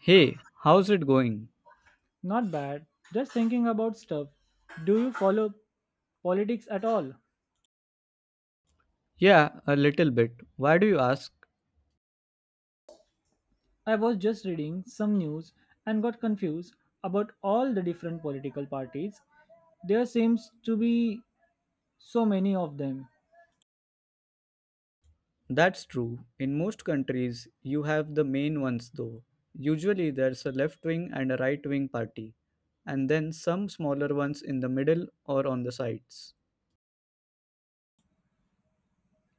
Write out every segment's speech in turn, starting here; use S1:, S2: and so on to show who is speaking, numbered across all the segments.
S1: Hey, how's it going?
S2: Not bad. Just thinking about stuff. Do you follow politics at all?
S1: Yeah, a little bit. Why do you ask?
S2: I was just reading some news and got confused about all the different political parties. There seems to be so many of them.
S1: That's true. In most countries, you have the main ones though. Usually, there's a left wing and a right wing party, and then some smaller ones in the middle or on the sides.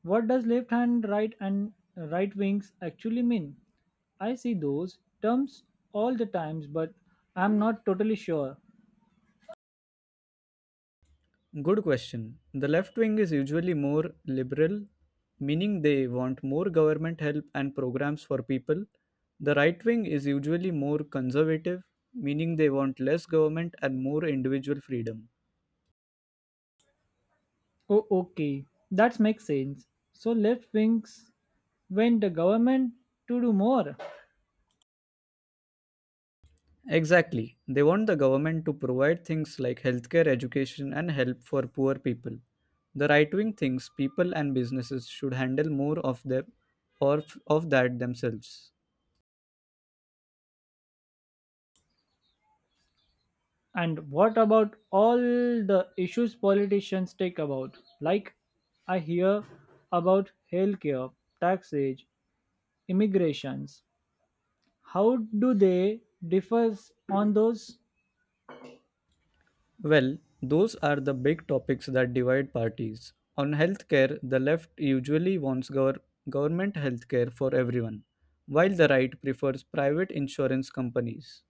S2: What does left hand, right, and right wings actually mean? I see those terms all the times, but I'm not totally sure.
S1: Good question. The left wing is usually more liberal, meaning they want more government help and programs for people. The right wing is usually more conservative, meaning they want less government and more individual freedom.
S2: Oh, okay, that makes sense. So left wings went the government to do more.
S1: Exactly. They want the government to provide things like healthcare, education, and help for poor people. The right wing thinks people and businesses should handle more of them of that themselves.
S2: And what about all the issues politicians take about? Like, I hear about healthcare, taxes, immigrations. How do they differ on those
S1: Well, those are the big topics that divide parties. On healthcare, the left usually wants government healthcare for everyone, while the right prefers private insurance companies.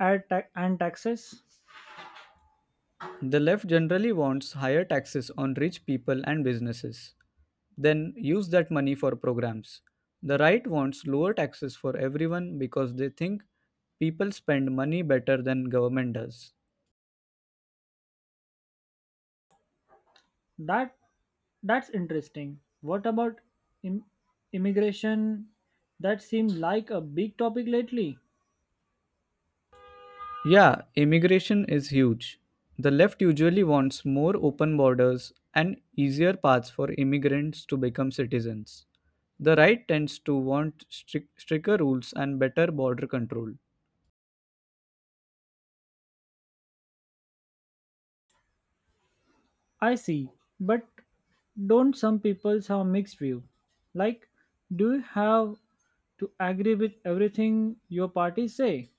S2: and taxes?
S1: The left generally wants higher taxes on rich people and businesses. Then use that money for programs. The right wants lower taxes for everyone because they think people spend money better than government does.
S2: That that's interesting. What about im- immigration? That seemed like a big topic lately.
S1: Yeah, immigration is huge. The left usually wants more open borders and easier paths for immigrants to become citizens. The right tends to want stricter rules and better border control.
S2: I see, but don't some people have mixed view? Like, do you have to agree with everything your party say.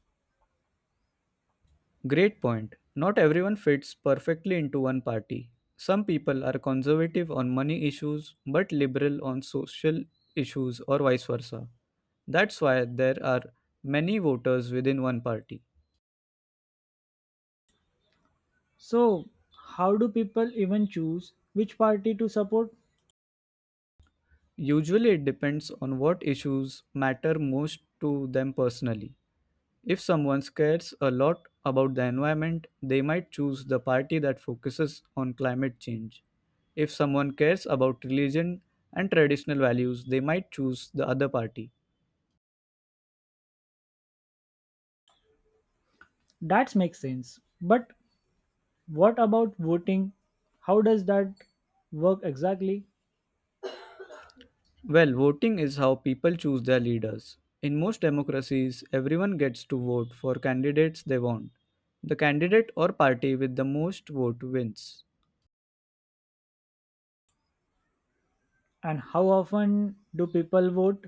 S1: Great point. Not everyone fits perfectly into one party. Some people are conservative on money issues but liberal on social issues, or vice versa. That's why there are many voters within one party.
S2: So, how do people even choose which party to support?
S1: Usually, it depends on what issues matter most to them personally. If someone cares a lot about the environment, they might choose the party that focuses on climate change. If someone cares about religion and traditional values, they might choose the other party.
S2: That makes sense. But what about voting? How does that work exactly?
S1: Well, voting is how people choose their leaders. In most democracies, everyone gets to vote for candidates they want. The candidate or party with the most vote wins.
S2: And how often do people vote?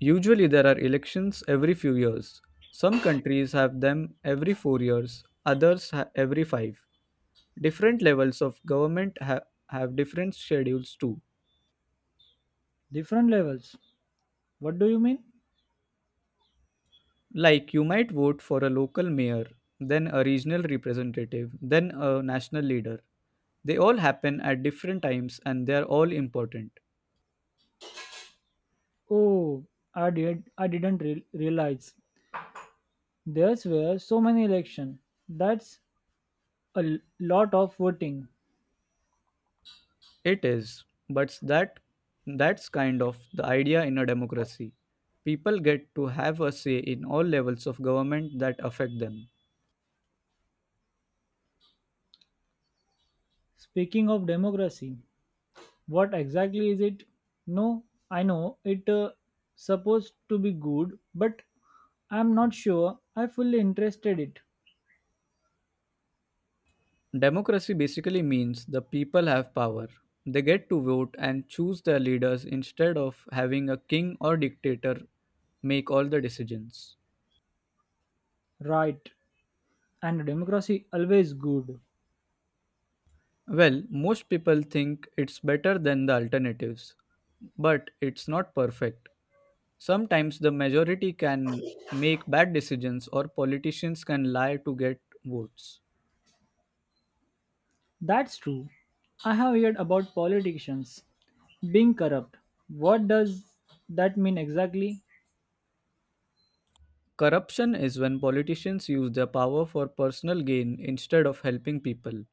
S1: Usually, there are elections every few years. Some countries have them every 4 years, every five. Different levels of have different schedules too.
S2: Different levels. What do you mean?
S1: Like you might vote for a local mayor, then a regional representative, then a national leader. They all happen at different times and they are all important.
S2: Oh, I didn't realize. There's were so many election. That's a lot of voting.
S1: It is, but that's kind of the idea in a democracy. People get to have a say in all levels of government that affect them.
S2: Speaking of democracy, what exactly is it? No, I know it supposed to be good, but I'm not sure I fully interested it.
S1: Democracy basically means the people have power. They get to vote and choose their leaders instead of having a king or dictator make all the decisions.
S2: Right. And democracy always good.
S1: Well, most people think it's better than the alternatives, but it's not perfect. Sometimes the majority can make bad decisions or politicians can lie to get votes.
S2: That's true. I have heard about politicians being corrupt. What does that mean exactly?
S1: Corruption is when politicians use their power for personal gain instead of helping people.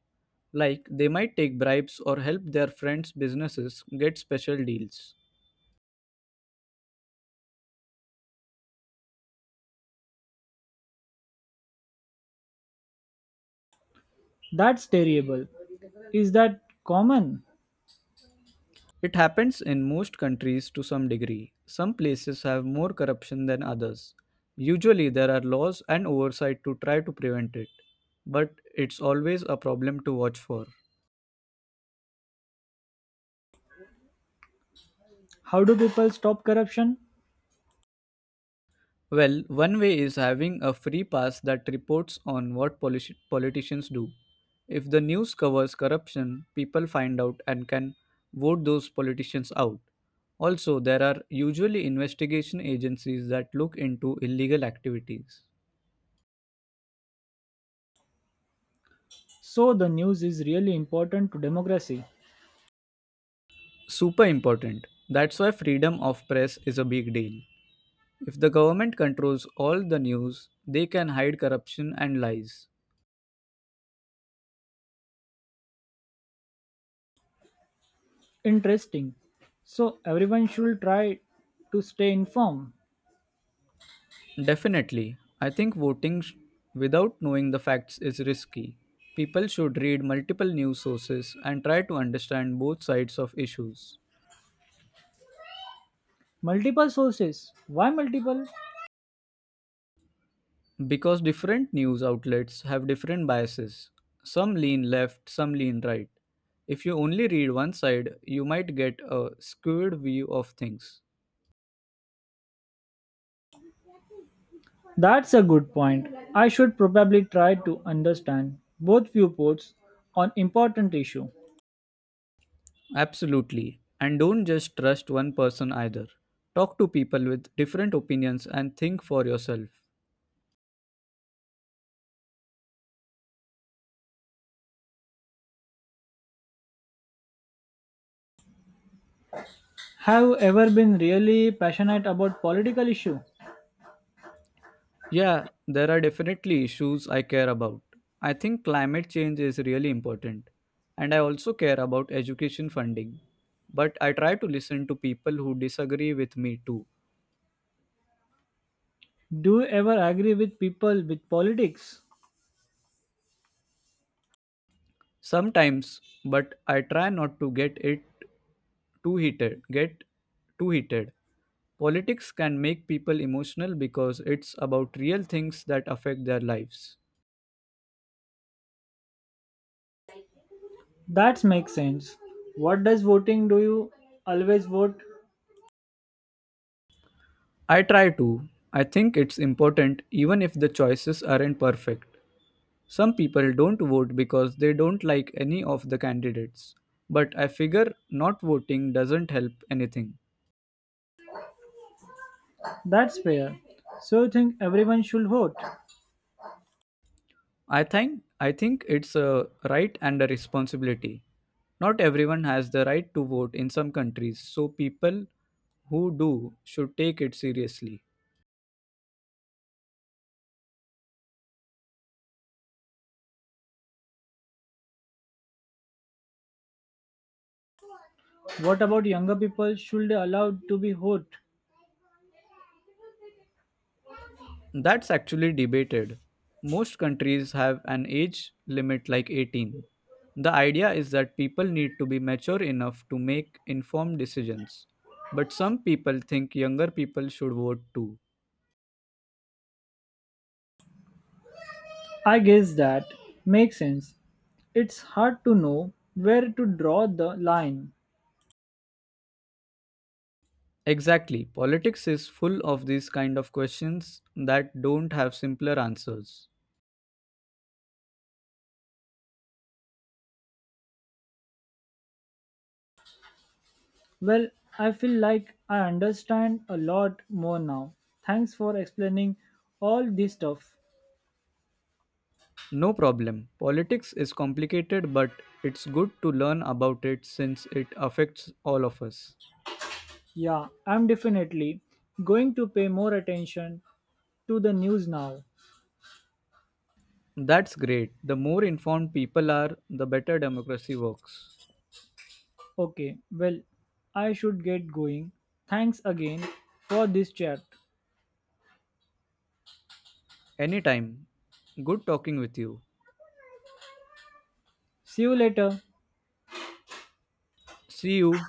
S1: Like they might take bribes or help their friends' businesses get special deals.
S2: That's terrible. Is that common?
S1: It happens in most countries to some degree. Some places have more corruption than others. Usually, there are laws and oversight to try to prevent it, but it's always a problem to watch for.
S2: How do people stop corruption?
S1: Well, one way is having a free pass that reports on what politicians do. If the news covers corruption, people find out and can vote those politicians out. Also, there are usually investigation agencies that look into illegal activities.
S2: So the news is really important to democracy.
S1: Super important. That's why freedom of press is a big deal. If the government controls all the news, they can hide corruption and lies.
S2: Interesting. So everyone should try to stay informed.
S1: Definitely. I think without knowing the facts is risky. People should read multiple news sources and try to understand both sides of issues.
S2: Multiple sources. Why multiple?
S1: Because different news outlets have different biases. Some lean left, some lean right. If you only read one side, you might get a skewed view of things.
S2: That's a good point. I should probably try to understand both viewpoints on important issue.
S1: Absolutely. And don't just trust one person either. Talk to people with different opinions and think for yourself.
S2: Have you ever been really passionate about political issue?
S1: Yeah, there are definitely issues I care about. I think climate change is really important, and I also care about education funding. But I try to listen to people who disagree with me too.
S2: Do you ever agree with people with politics?
S1: Sometimes, but I try not to get it too heated. Too heated. Politics can make people emotional because it's about real things that affect their lives.
S2: That makes sense. What does voting do you always vote?
S1: I try to. I think it's important even if the choices aren't perfect. Some people don't vote because they don't like any of the candidates, but I figure not voting doesn't help anything.
S2: That's fair. So you think everyone should vote?
S1: I think it's a right and a responsibility. Not everyone has the right to vote in some countries, so people who do should take it seriously.
S2: What about younger people? Should they allowed to be hot?
S1: That's actually debated. Most countries have an age limit like 18. The idea is that people need to be mature enough to make informed decisions. But some people think younger people should vote too.
S2: I guess that makes sense. It's hard to know where to draw the line.
S1: Exactly. Politics is full of these kind of questions that don't have simpler answers.
S2: Well, I feel like I understand a lot more now. Thanks for explaining all this stuff.
S1: No problem. Politics is complicated, but it's good to learn about it since it affects all of us.
S2: Yeah, I'm definitely going to pay more attention to the news now.
S1: That's great. The more informed people are, the better democracy works.
S2: Okay, well, I should get going. Thanks again for this chat.
S1: Anytime. Good talking with you.
S2: See you later.
S1: See you.